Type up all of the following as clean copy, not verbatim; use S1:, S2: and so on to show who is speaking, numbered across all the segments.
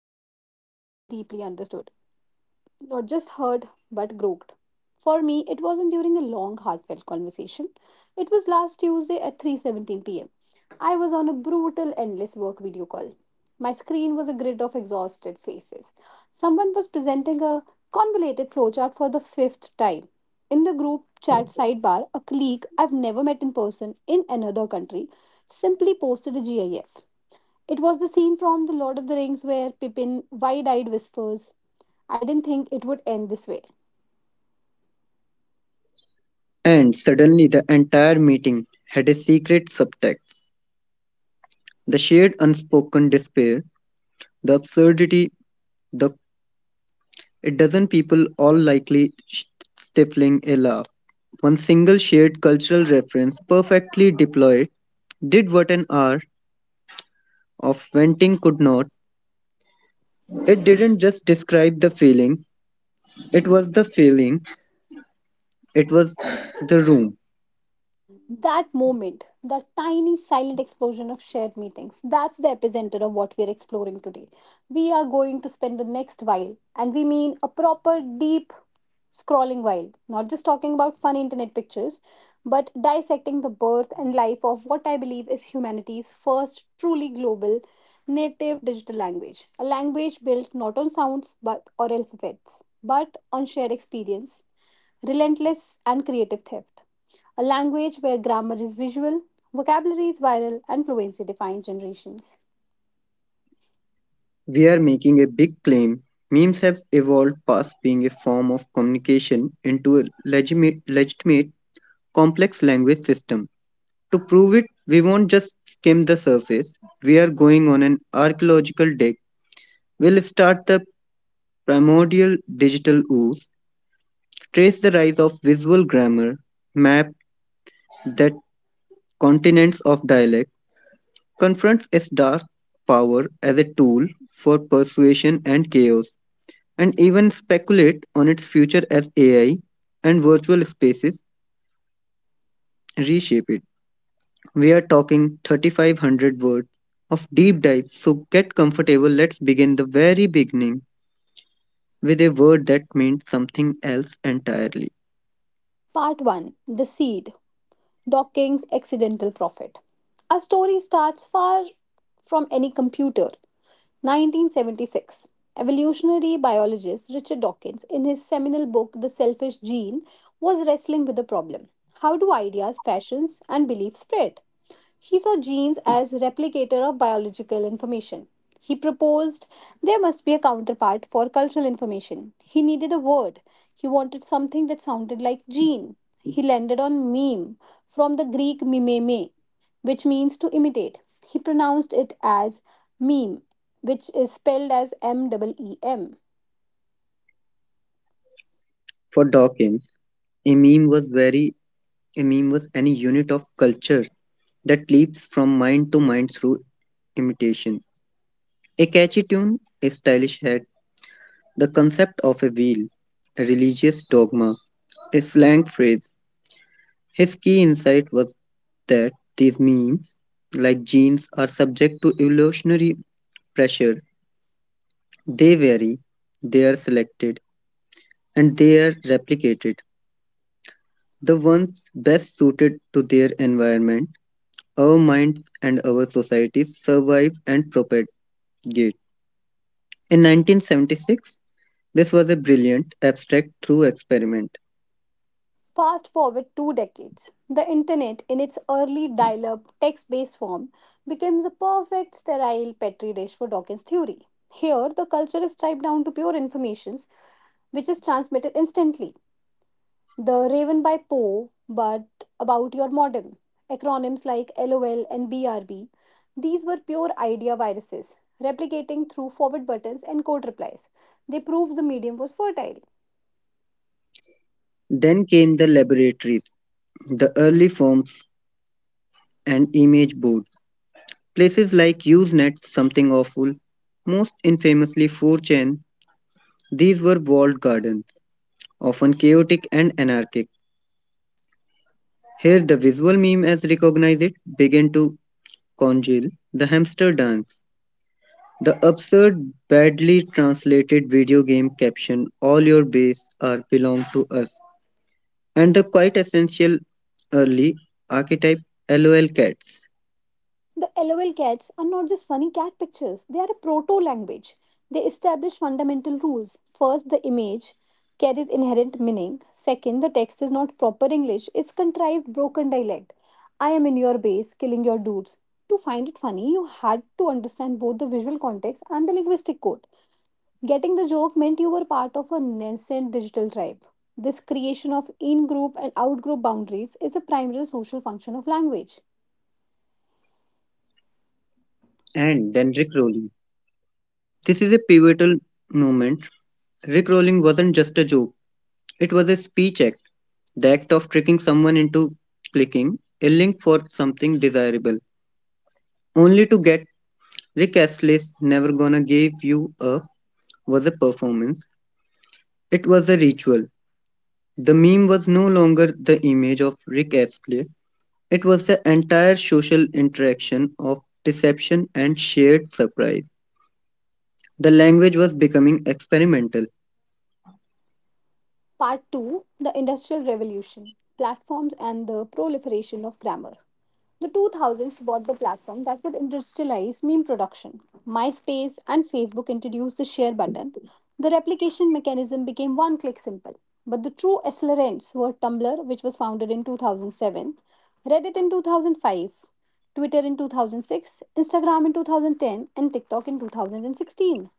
S1: you felt truly deeply understood, not just heard but groped. For me, it wasn't during a long heartfelt conversation. It was last Tuesday at 3:17 p.m. I was on a brutal endless work video call. My screen was a grid of exhausted faces. Someone was presenting a convoluted flowchart for the fifth time. In the group chat sidebar, a colleague I've never met in person in another country simply posted a GIF. It was the scene from The Lord of the Rings where Pippin wide eyed whispers, "I didn't think it would end this way."
S2: And suddenly the entire meeting had a secret subtext. The shared unspoken despair, the absurdity, the a dozen people all likely stifling a laugh. One single shared cultural reference perfectly deployed did what an hour of venting could not. It didn't just describe the feeling, it was the feeling, it was the room.
S1: That moment, that tiny silent explosion of shared meetings, that's the epicenter of what we are exploring today. We are going to spend the next while, and we mean a proper deep scrolling while, not just talking about fun internet pictures, but dissecting the birth and life of what I believe is humanity's first truly global native digital language. A language built not on sounds but or alphabets, but on shared experience, relentless and creative theft, a language where grammar is visual, vocabulary is viral, and fluency defines generations.
S2: We're making a big claim. Memes have evolved past being a form of communication into a legitimate complex language system. To prove it, we won't just skim the surface. We are going on an archaeological dig. We'll start the primordial digital ooze, trace the rise of visual grammar, map that continents of dialect, confronts its dark power as a tool for persuasion and chaos, and even speculate on its future as AI and virtual spaces reshape it. We are talking 3,500 words of deep dive, so get comfortable. Let's begin the very beginning with a word that meant something else entirely.
S1: Part 1: The Seed. Docking's Accidental Prophet. Our story starts far from any computer. 1976. Evolutionary biologist Richard Dawkins, in his seminal book The Selfish Gene, was wrestling with the problem: how do ideas, fashions, and beliefs spread? He saw genes as replicator of biological information. He proposed there must be a counterpart for cultural information. He needed a word. He wanted something that sounded like gene. He landed on meme, from the Greek mimeme, which means to imitate. He pronounced it as meme, which is spelled as MEEM.
S2: For Dawkins, a meme was very a meme was any unit of culture that leaps from mind to mind through imitation. A catchy tune, a stylish hat, the concept of a wheel, a religious dogma, a slang phrase. His key insight was that these memes, like genes, are subject to evolutionary pressure. They vary, they are selected, and they are replicated. The ones best suited to their environment, our minds, and our societies survive and propagate. In 1976, this was a brilliant, abstract, true experiment.
S1: Fast forward two decades, the internet, in its early dial up text based form, becomes a perfect sterile petri dish for Dawkins' theory. Here, the culture is stripped down to pure informations, which is transmitted instantly. The Raven by Poe, but about your modem. Acronyms like LOL and BRB. These were pure idea viruses, replicating through forward buttons and code replies. They proved the medium was fertile.
S2: Then came the laboratories, the early forms and image boards. Places like Usenet, Something Awful, most infamously 4chan, these were walled gardens, often chaotic and anarchic. Here the visual meme as recognize it began to congeal the hamster dance. The absurd, badly translated video game caption, all your base are belong to us, and the quite essential early archetype LOL cats
S1: The LOL cats are not just funny cat pictures, they are a proto language. They establish fundamental rules. First, the image carries inherent meaning. Second, the text is not proper English, it's contrived broken dialect. I am in your base, killing your dudes. To find it funny, you had to understand both the visual context and the linguistic code. Getting the joke meant you were part of a nascent digital tribe. This creation of in group and out group boundaries is a primary social function of language.
S2: and Dendrick rolling. This is a pivotal moment. Rickrolling wasn't just a joke, it was a speech act, the act of tricking someone into clicking a link for something desirable, only to get Rick Astley's Never Gonna Give You Up, was a performance. It was a ritual. The meme was no longer the image of Rick Astley, it was the entire social interaction of deception and shared surprise. The language was becoming experimental.
S1: Part 2: The Industrial Revolution. Platforms and the Proliferation of Grammar. The 2000s brought the platform that would industrialize meme production. MySpace and Facebook introduced the share button. The replication mechanism became one click simple. But the true accelerants were Tumblr, which was founded in 2007, Reddit in 2005, Twitter in 2006, Instagram in 2010, and TikTok in 2016.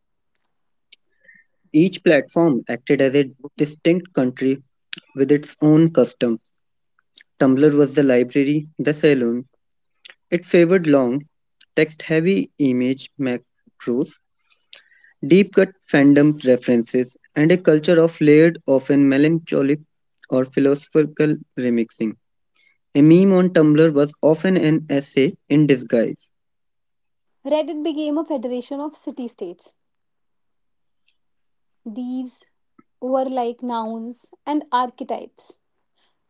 S2: Each platform acted as a distinct country with its own customs. Tumblr was the library, the saloon. It favored long, text heavy image macros, deep cut fandom references, and a culture of layered, often melancholic or philosophical remixing. A meme on Tumblr was often an essay in disguise.
S1: Reddit became a federation of city states. These were like nouns and archetypes.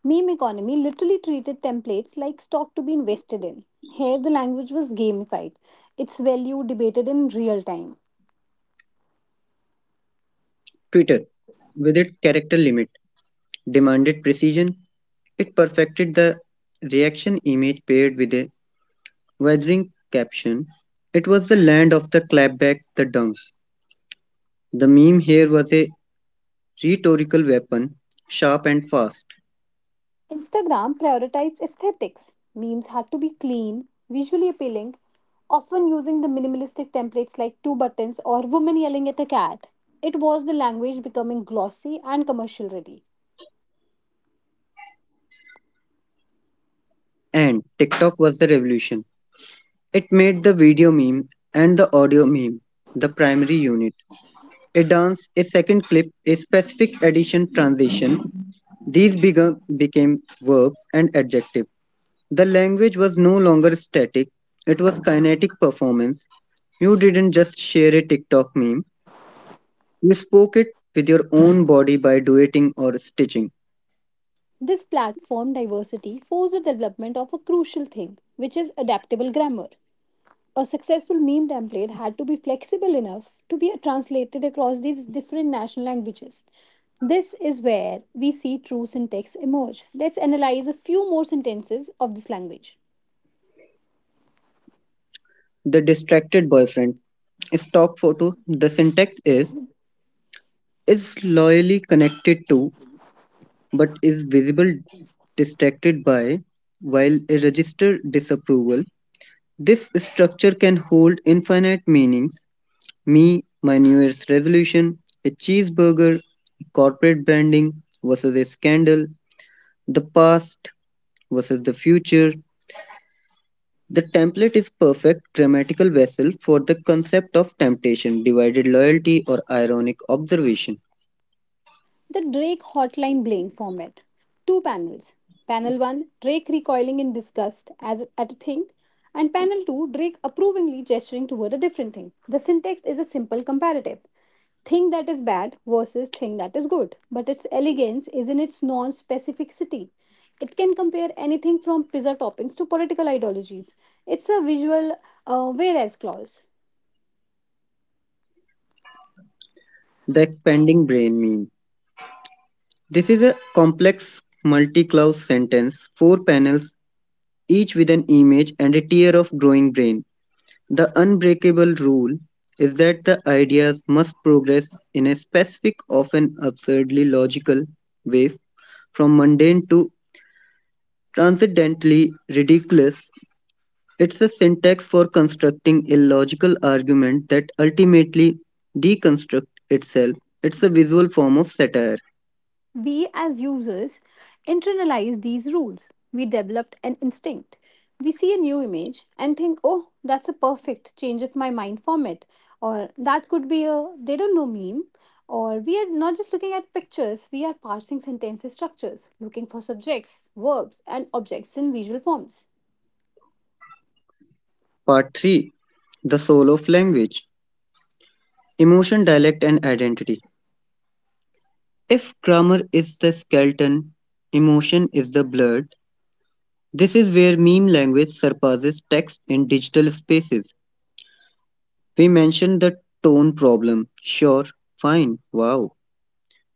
S1: Meme economy literally treated templates like stock to be invested in. Here, the language was gamified, its value debated in real time.
S2: Twitter, with its character limit, demanded precision. It perfected the reaction image paired with a weathering caption. It was the land of the clapback, the dunks. The meme here was a rhetorical weapon, sharp and fast.
S1: Instagram prioritized aesthetics. Memes had to be clean, visually appealing, often using the minimalistic templates like two buttons or woman yelling at a cat. It was the language becoming glossy and commercial ready.
S2: And TikTok was the revolution. It made the video meme and the audio meme the primary unit. A dance, a second clip, a specific addition transition. These became verbs and adjectives. The language was no longer static, it was kinetic performance. You didn't just share a TikTok meme, you spoke it with your own body by duetting or stitching.
S1: This platform diversity forced the development of a crucial thing, which is adaptable grammar. A successful meme template had to be flexible enough to be translated across these different national languages. This is where we see true syntax emerge. Let's analyze a few more sentences of this language.
S2: The distracted boyfriend. Stock photo. The syntax is loyally connected to but is visible distracted by while a register disapproval. This structure can hold infinite meanings. Me, my New Year's resolution, a cheeseburger, corporate branding versus a scandal, the past versus the future. The template is perfect grammatical vessel for the concept of temptation, divided loyalty, or ironic observation.
S1: The Drake Hotline Bling format. Two panels. Panel 1, Drake recoiling in disgust as at a thing, and panel 2, Drake approvingly gesturing toward a different thing. The syntax is a simple comparative. Thing that is bad versus thing that is good, but its elegance is in its non specificity. It can compare anything from pizza toppings to political ideologies. It's a visual whereas clause.
S2: The expanding brain meme. This is a complex multi-clause sentence, four panels, each with an image and a tier of growing brain. The unbreakable rule is that the ideas must progress in a specific, often absurdly logical way, from mundane to transcendently ridiculous. It's a syntax for constructing a logical argument that ultimately deconstructs itself. It's a visual form of satire.
S1: We, as users, internalize these rules. We developed an instinct. We see a new image and think, oh, that's a perfect change of my mind format. Or that could be a they don't know meme. Or we are not just looking at pictures, we are parsing sentence structures, looking for subjects, verbs, and objects in visual forms.
S2: Part 3, The Soul of Language, Emotion, Dialect, and Identity. If grammar is the skeleton, emotion is the blood, this is where meme language surpasses text in digital spaces. We mentioned the tone problem. Sure, fine, wow,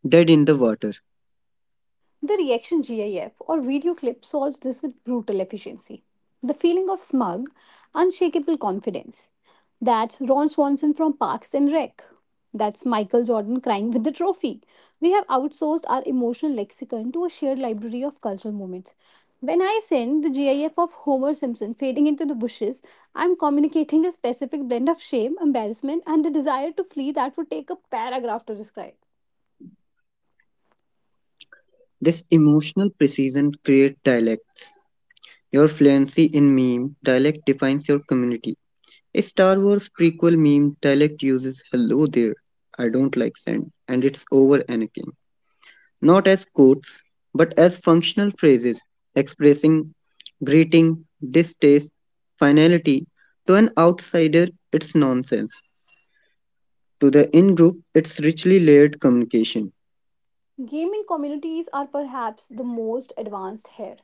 S2: dead in the water.
S1: The reaction GIF or video clip solves this with brutal efficiency. The feeling of smug, unshakable confidence. That's Ron Swanson from Parks and Rec. That's Michael Jordan crying with the trophy. We have outsourced our emotional lexicon to a shared library of cultural moments. When I send the GIF of Homer Simpson fading into the bushes, I'm communicating a specific blend of shame, embarrassment, and the desire to flee that would take a paragraph to describe.
S2: This emotional precision creates dialects. Your fluency in meme dialect defines your community. A Star Wars prequel meme dialect uses hello there, I don't like sand, and it's over Anakin. Not as quotes, but as functional phrases expressing greeting, distaste, finality. To an outsider, it's nonsense. To the in group, it's richly layered communication.
S1: Gaming communities are perhaps the most advanced here.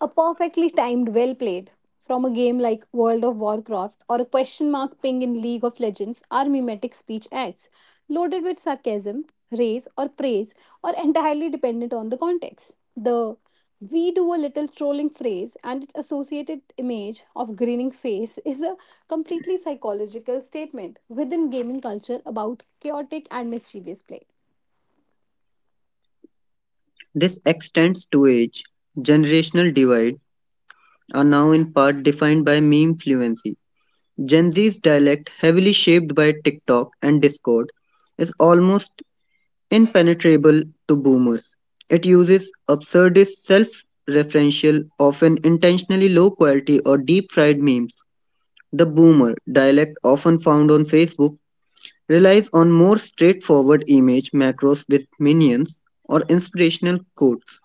S1: A perfectly timed well played from a game like World of Warcraft or a question mark ping in League of Legends are mimetic speech acts, loaded with sarcasm, raise, or praise, or entirely dependent on the context. The we do a little trolling phrase and its associated image of grinning face is a completely psychological statement within gaming culture about chaotic and mischievous play.
S2: This extends to age. Generational divide are now in part defined by meme fluency. Gen Z's dialect, heavily shaped by TikTok and Discord, is almost impenetrable to boomers. It uses absurdist, self referential, often intentionally low quality or deep fried memes. The boomer dialect, often found on Facebook, relies on more straightforward image macros with minions or inspirational quotes.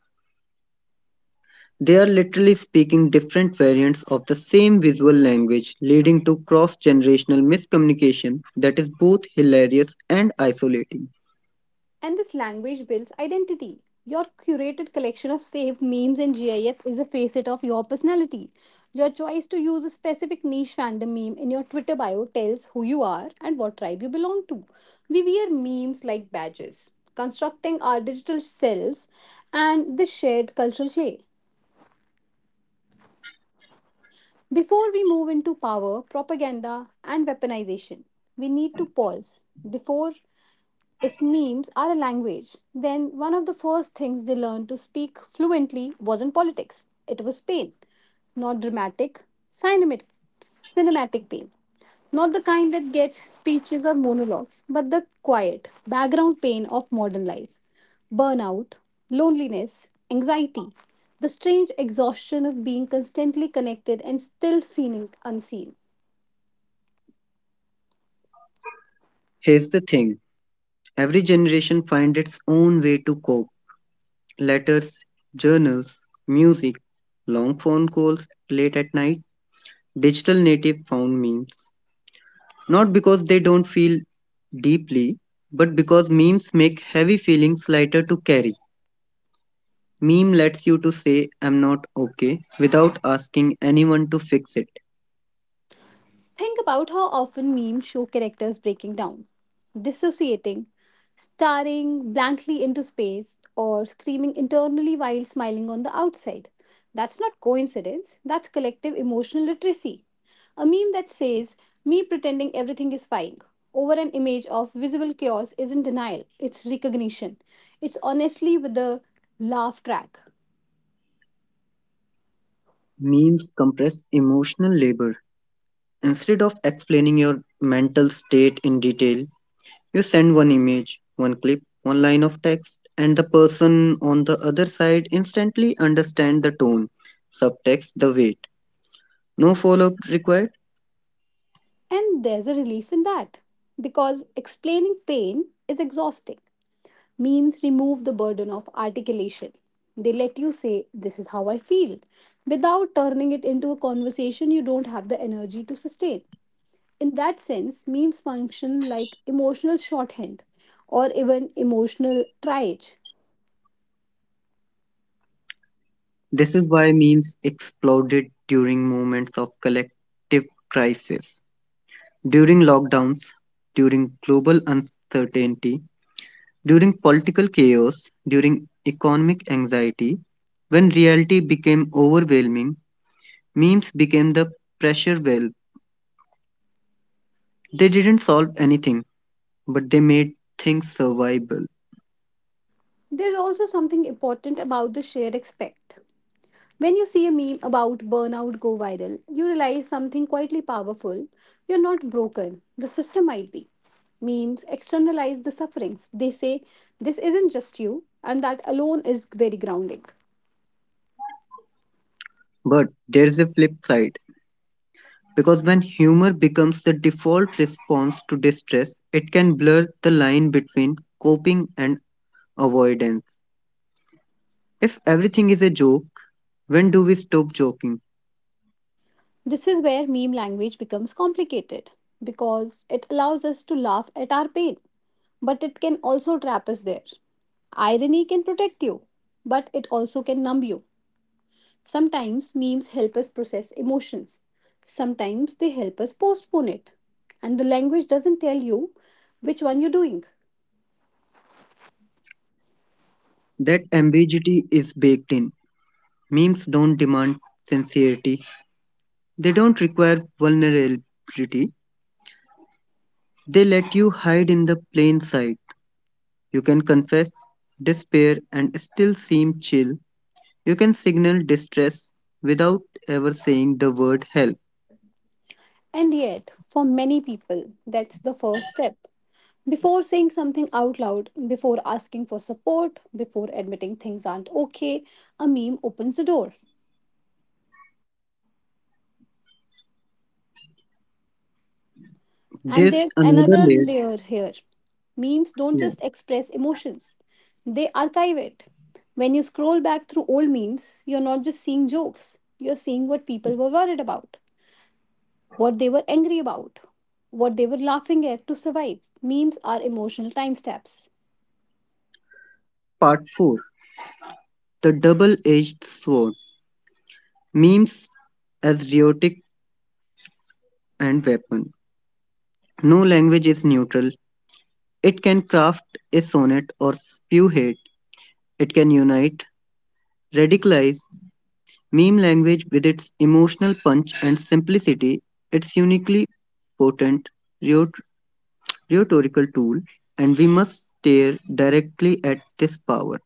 S2: They are literally speaking different variants of the same visual language, leading to cross generational miscommunication that is both hilarious and isolating.
S1: And this language builds identity. Your curated collection of saved memes and GIF is a facet of your personality. Your choice to use a specific niche fandom meme in your Twitter bio tells who you are and what tribe you belong to. We wear memes like badges, constructing our digital selves and this shared cultural clay. Before we move into power, propaganda, and weaponization, we need to pause before. If memes are a language, then one of the first things they learned to speak fluently wasn't politics, it was pain. Not dramatic, cinematic, cinematic pain. Not the kind that gets speeches or monologues, but the quiet, background pain of modern life: burnout, loneliness, anxiety, the strange exhaustion of being constantly connected and still feeling unseen.
S2: Here's the thing, every generation finds its own way to cope: letters, journals, music, long phone calls late at night, digital native found memes. Not because they don't feel deeply, but because memes make heavy feelings lighter to carry. Meme lets you to say I'm not okay without asking anyone to fix it.
S1: Think about how often memes show characters breaking down, dissociating, staring blankly into space, or screaming internally while smiling on the outside. That's not coincidence, that's collective emotional literacy. A meme that says, me pretending everything is fine, over an image of visible chaos isn't denial, it's recognition. It's honestly with the laugh track.
S2: Memes compress emotional labor. Instead of explaining your mental state in detail, you send one image, one clip, one line of text, and the person on the other side instantly understand the tone, subtext, the weight. No follow-up required.
S1: And there's a relief in that, because explaining pain is exhausting. Memes remove the burden of articulation. They let you say, this is how I feel, without turning it into a conversation you don't have the energy to sustain. In that sense, memes function like emotional shorthand or even emotional triage.
S2: This is why memes exploded during moments of collective crisis. During lockdowns, during global uncertainty, during political chaos, during economic anxiety, when reality became overwhelming, memes became the pressure valve. They didn't solve anything, but they made things survivable.
S1: There's also something important about the shared aspect. When you see a meme about burnout go viral, you realize something quietly powerful. You're not broken, the system might be. Memes externalize the sufferings. They say, this isn't just you, and that alone is very grounding.
S2: But there's a flip side, because when humor becomes the default response to distress, it can blur the line between coping and avoidance. If everything is a joke, when do we stop joking?
S1: This is where meme language becomes complicated because it allows us to laugh at our pain, but it can also trap us there. Irony can protect you, but it also can numb you. Sometimes memes help us process emotions. Sometimes they help us postpone it. And the language doesn't tell you which one you're doing.
S2: That ambiguity is baked in. Memes don't demand sincerity, they don't require vulnerability. They let you hide in the plain sight. You can confess, despair, and still seem chill. You can signal distress without ever saying the word help.
S1: And yet, for many people, that's the first step. Before saying something out loud, before asking for support, before admitting things aren't okay, a meme opens the door. And
S2: There's
S1: there's
S2: another
S1: another
S2: layer.
S1: layer here. Memes don't
S2: Yeah.
S1: just express emotions, they archive it. When you scroll back through old memes, you're not just seeing jokes, you're seeing what people were worried about, what they were angry about, what they were laughing at to survive. Memes are emotional timestamps.
S2: Part 4, the double edged sword. Memes as rhetoric and weapon. No language is neutral. It can craft a sonnet or spew hate. It can unite, radicalize, meme language with its emotional punch and simplicity, its uniquely potent rhetor- rhetorical tool, and we must stare directly at this power.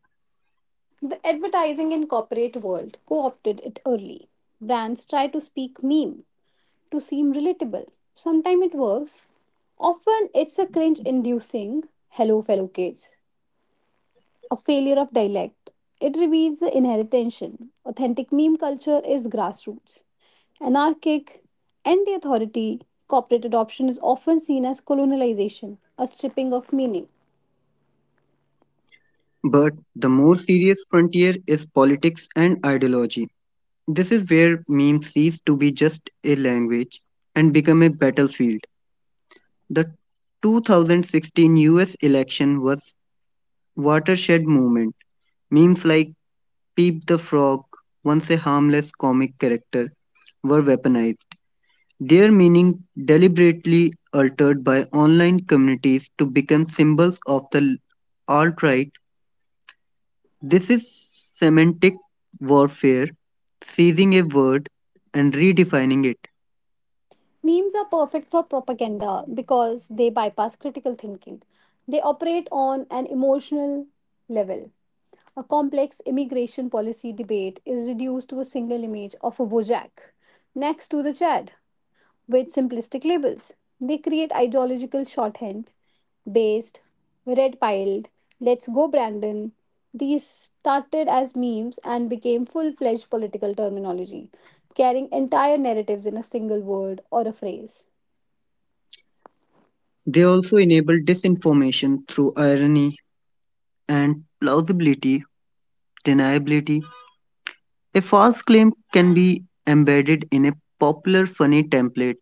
S1: The advertising and corporate world co opted it early. Brands try to speak meme to seem relatable. Sometimes it works. Often it's a cringe inducing hello, fellow kids, a failure of dialect. It reveals the inheritance. Authentic meme culture is grassroots, anarchic, anti authority. Corporate adoption is often seen as colonialization, a stripping of meaning.
S2: But the more serious frontier is politics and ideology. This is where memes cease to be just a language and become a battlefield. The 2016 US election was watershed moment. Memes like Peep the Frog, once a harmless comic character, were weaponized, their meaning deliberately altered by online communities to become symbols of the alt right. This is semantic warfare, seizing a word and redefining it.
S1: Memes are perfect for propaganda because they bypass critical thinking. They operate on an emotional level. A complex immigration policy debate is reduced to a single image of a Bojack next to the Chad, with simplistic labels. They create ideological shorthand: based, red piled, let's go Brandon. These started as memes and became full fledged political terminology, carrying entire narratives in a single word or a phrase.
S2: They also enable disinformation through irony and plausibility, deniability. A false claim can be embedded in a popular funny template.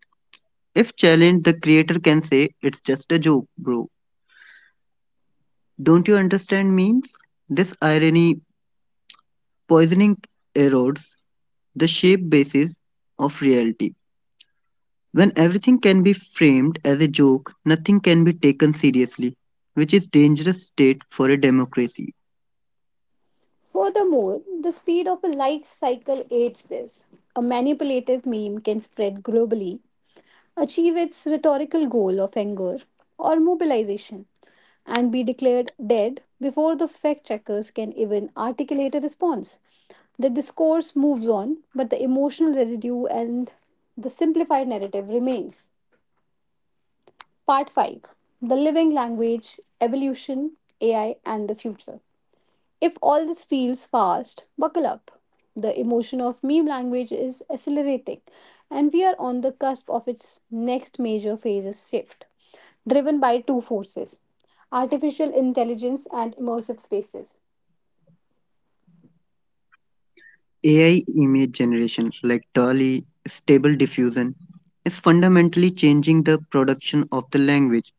S2: If challenged, the creator can say, it's just a joke, bro. Don't you understand memes? This irony poisoning erodes the shape basis of reality. When everything can be framed as a joke, nothing can be taken seriously, which is dangerous state for a democracy.
S1: Furthermore, the speed of a life cycle aids this. A manipulative meme can spread globally, achieve its rhetorical goal of anger or mobilization, and be declared dead before the fact checkers can even articulate a response. The discourse moves on, but the emotional residue and the simplified narrative remains. Part 5: The Living Language. Evolution, AI, and the Future. If all this feels fast, buckle up. The emotion of meme language is accelerating, and we are on the cusp of its next major phases shift, driven by two forces: artificial intelligence and immersive spaces.
S2: AI image generation like DALL-E, stable diffusion is fundamentally changing the production of the language.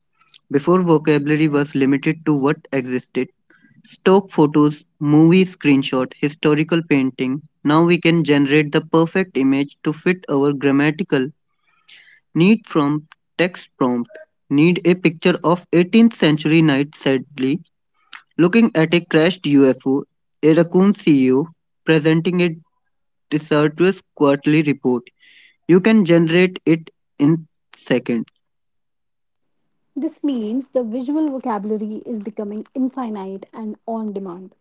S2: Before vocabulary was limited to what existed: stock photos, movie screenshot, historical painting. Now we can generate the perfect image to fit our grammatical need from text prompt. Need a picture of 18th century knight sadly looking at a crashed UFO, a raccoon CEO presenting a disastrous quarterly report. You can generate it in seconds.
S1: This means the visual vocabulary is becoming infinite and on demand.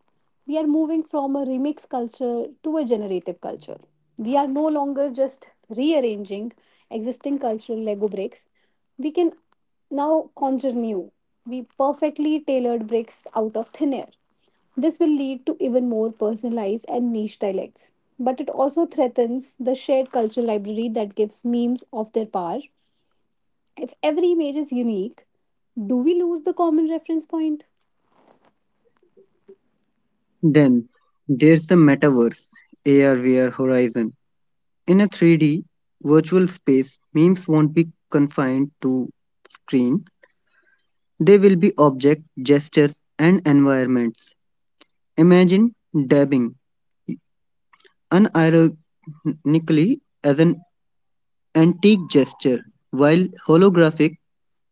S1: We are moving from a remix culture to a generative culture. We are no longer just rearranging existing cultural Lego bricks. We can now conjure new, we perfectly tailored bricks out of thin air. This will lead to even more personalized and niche dialects. But it also threatens the shared cultural library that gives memes of their power. If every image is unique, do we lose the common reference point?
S2: Then there's the metaverse, AR, VR horizon. In a 3D virtual space, memes won't be confined to screen. They will be object, gestures, and environments. Imagine dabbing unironically as an antique gesture, while holographic,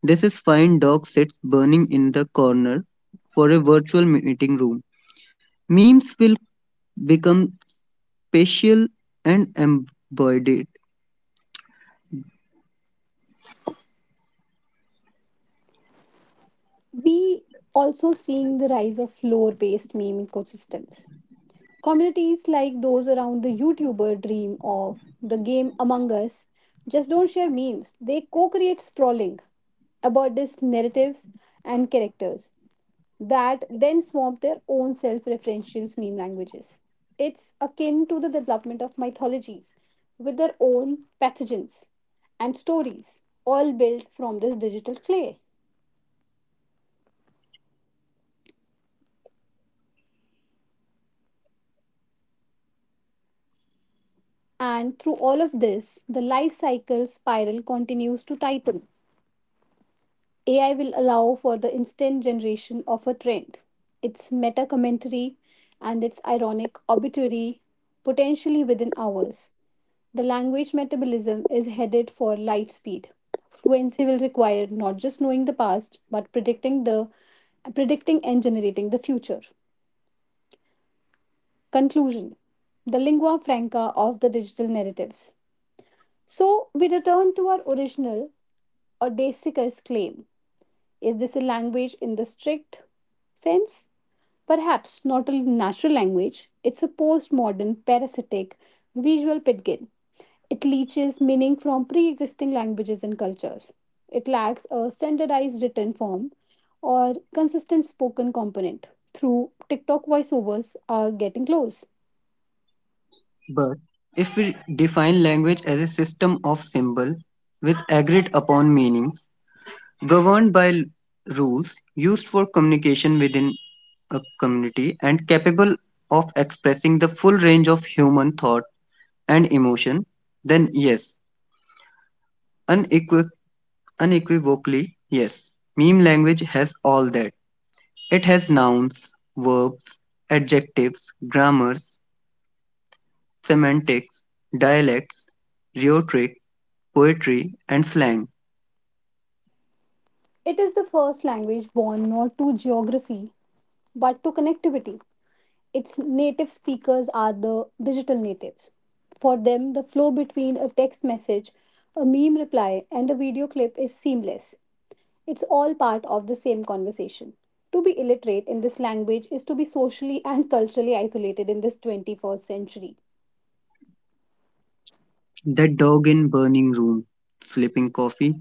S2: this is fine dog sits burning in the corner for a virtual meeting room. Memes will become spatial and embodied.
S1: We also seeing the rise of lore-based meme ecosystems. Communities like those around the YouTuber dream of the game Among Us just don't share memes. They co-create sprawling, absurdist narratives and characters that then swamp their own self referential meme languages. It's akin to the development of mythologies with their own pathogens and stories, all built from this digital clay. And through all of this, the life cycle spiral continues to tighten. AI will allow for the instant generation of a trend, its meta commentary, and its ironic obituary, potentially within hours. The language metabolism is headed for light speed. Fluency will require not just knowing the past, but predicting and generating the future. Conclusion: the lingua franca of the digital narratives. So we return to our original audacous claim. Is this a language in the strict sense? Perhaps not a natural language, it's a postmodern, parasitic, visual pidgin. It leaches meaning from pre existing languages and cultures. It lacks a standardized written form or consistent spoken component. Through TikTok voiceovers are getting close.
S2: But if we define language as a system of symbols with agreed upon meanings, governed by rules used for communication within a community, and capable of expressing the full range of human thought and emotion, then yes, unequi- unequivocally, yes, meme language has all that. It has nouns, verbs, adjectives, grammars, semantics, dialects, rhetoric, poetry and slang.
S1: It is the first language born not to geography but to connectivity. Its native speakers are the digital natives. For them, the flow between a text message, a meme reply, and a video clip is seamless. It's all part of the same conversation. To be illiterate in this language is to be socially and culturally isolated in this 21st century.
S2: The Dog in Burning Room, Flipping Coffee.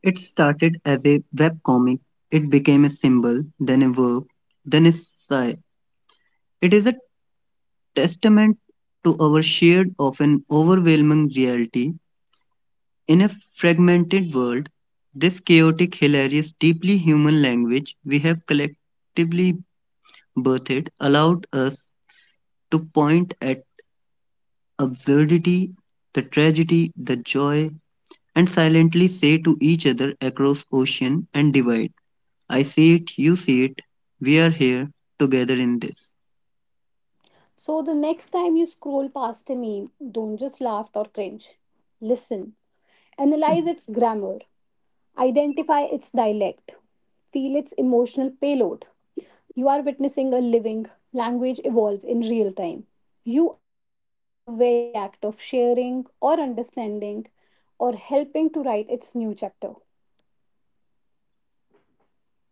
S2: It started as a webcomic. It became a symbol, then a verb, then a sigh. It is a testament to our shared, often overwhelming reality. In a fragmented world, this chaotic, hilarious, deeply human language we have collectively birthed allowed us to point at absurdity, the tragedy, the joy, and silently say to each other across ocean and divide, I see it, you see it, we are here together in this.
S1: So the next time you scroll past a meme, don't just laugh or cringe. Listen, analyze its grammar, identify its dialect, feel its emotional payload. You are witnessing a living language evolve in real time. You are in the very act of sharing or understanding or helping to write its new chapter.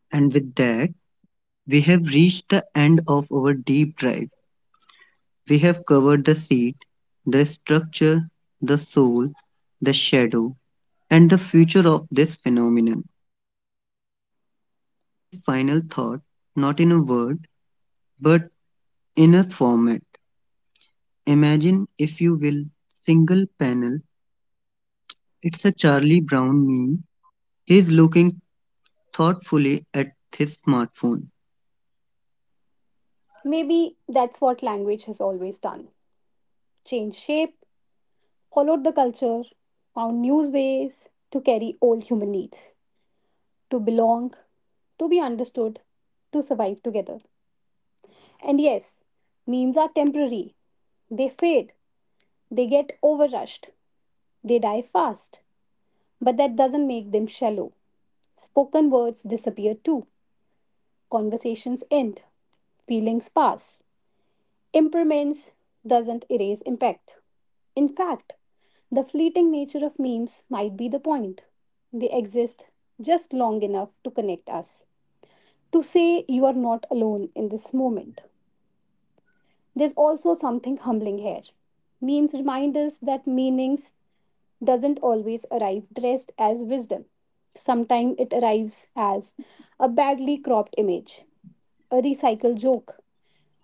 S2: And with that, we have reached the end of our deep dive. We have covered the seed, the structure, the soul, the shadow, and the future of this phenomenon. We will leave you with a final thought, not in a word, but in a format. Imagine, if you will, single panel. It's a Charlie Brown meme. He's looking thoughtfully at his smartphone.
S1: Maybe that's what language has always done: change shape, followed the culture, found new ways to carry old human needs, to belong, to be understood, to survive together. And yes, memes are temporary. They fade, they get overrushed, they die fast. But that doesn't make them shallow. Spoken words disappear too, conversations end, feelings pass. Impermanence doesn't erase impact. In fact, the fleeting nature of memes might be the point. They exist just long enough to connect us, to say you are not alone in this moment. There's also something humbling here. Memes remind us that meanings doesn't always arrive dressed as wisdom. Sometimes it arrives as a badly cropped image, a recycled joke,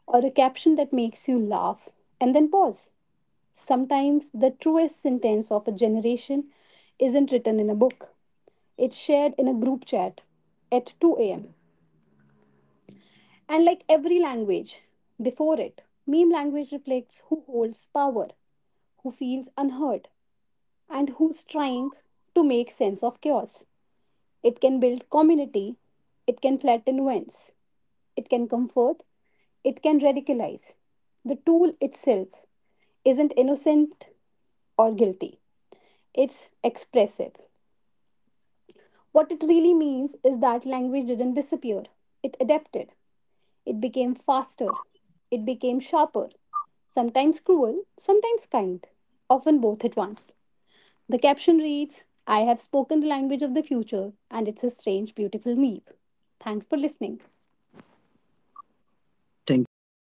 S1: or a caption that makes you laugh and then pause. Sometimes the truest sentence of a generation isn't written in a book, it's shared in a group chat at 2 am. And like every language before it, meme language reflects who holds power, who feels unheard, and who's trying to make sense of chaos. It can build community, it can flatten vents, it can comfort, it can radicalize. The tool itself isn't innocent or guilty, it's expressive. What it really means is that language didn't disappear, it adapted. It became faster, it became sharper, sometimes cruel, sometimes kind, often both at once. The caption reads, I have spoken the language of the future, and it's a strange, beautiful meep. Thanks for listening.
S2: Thank you for listening, guys.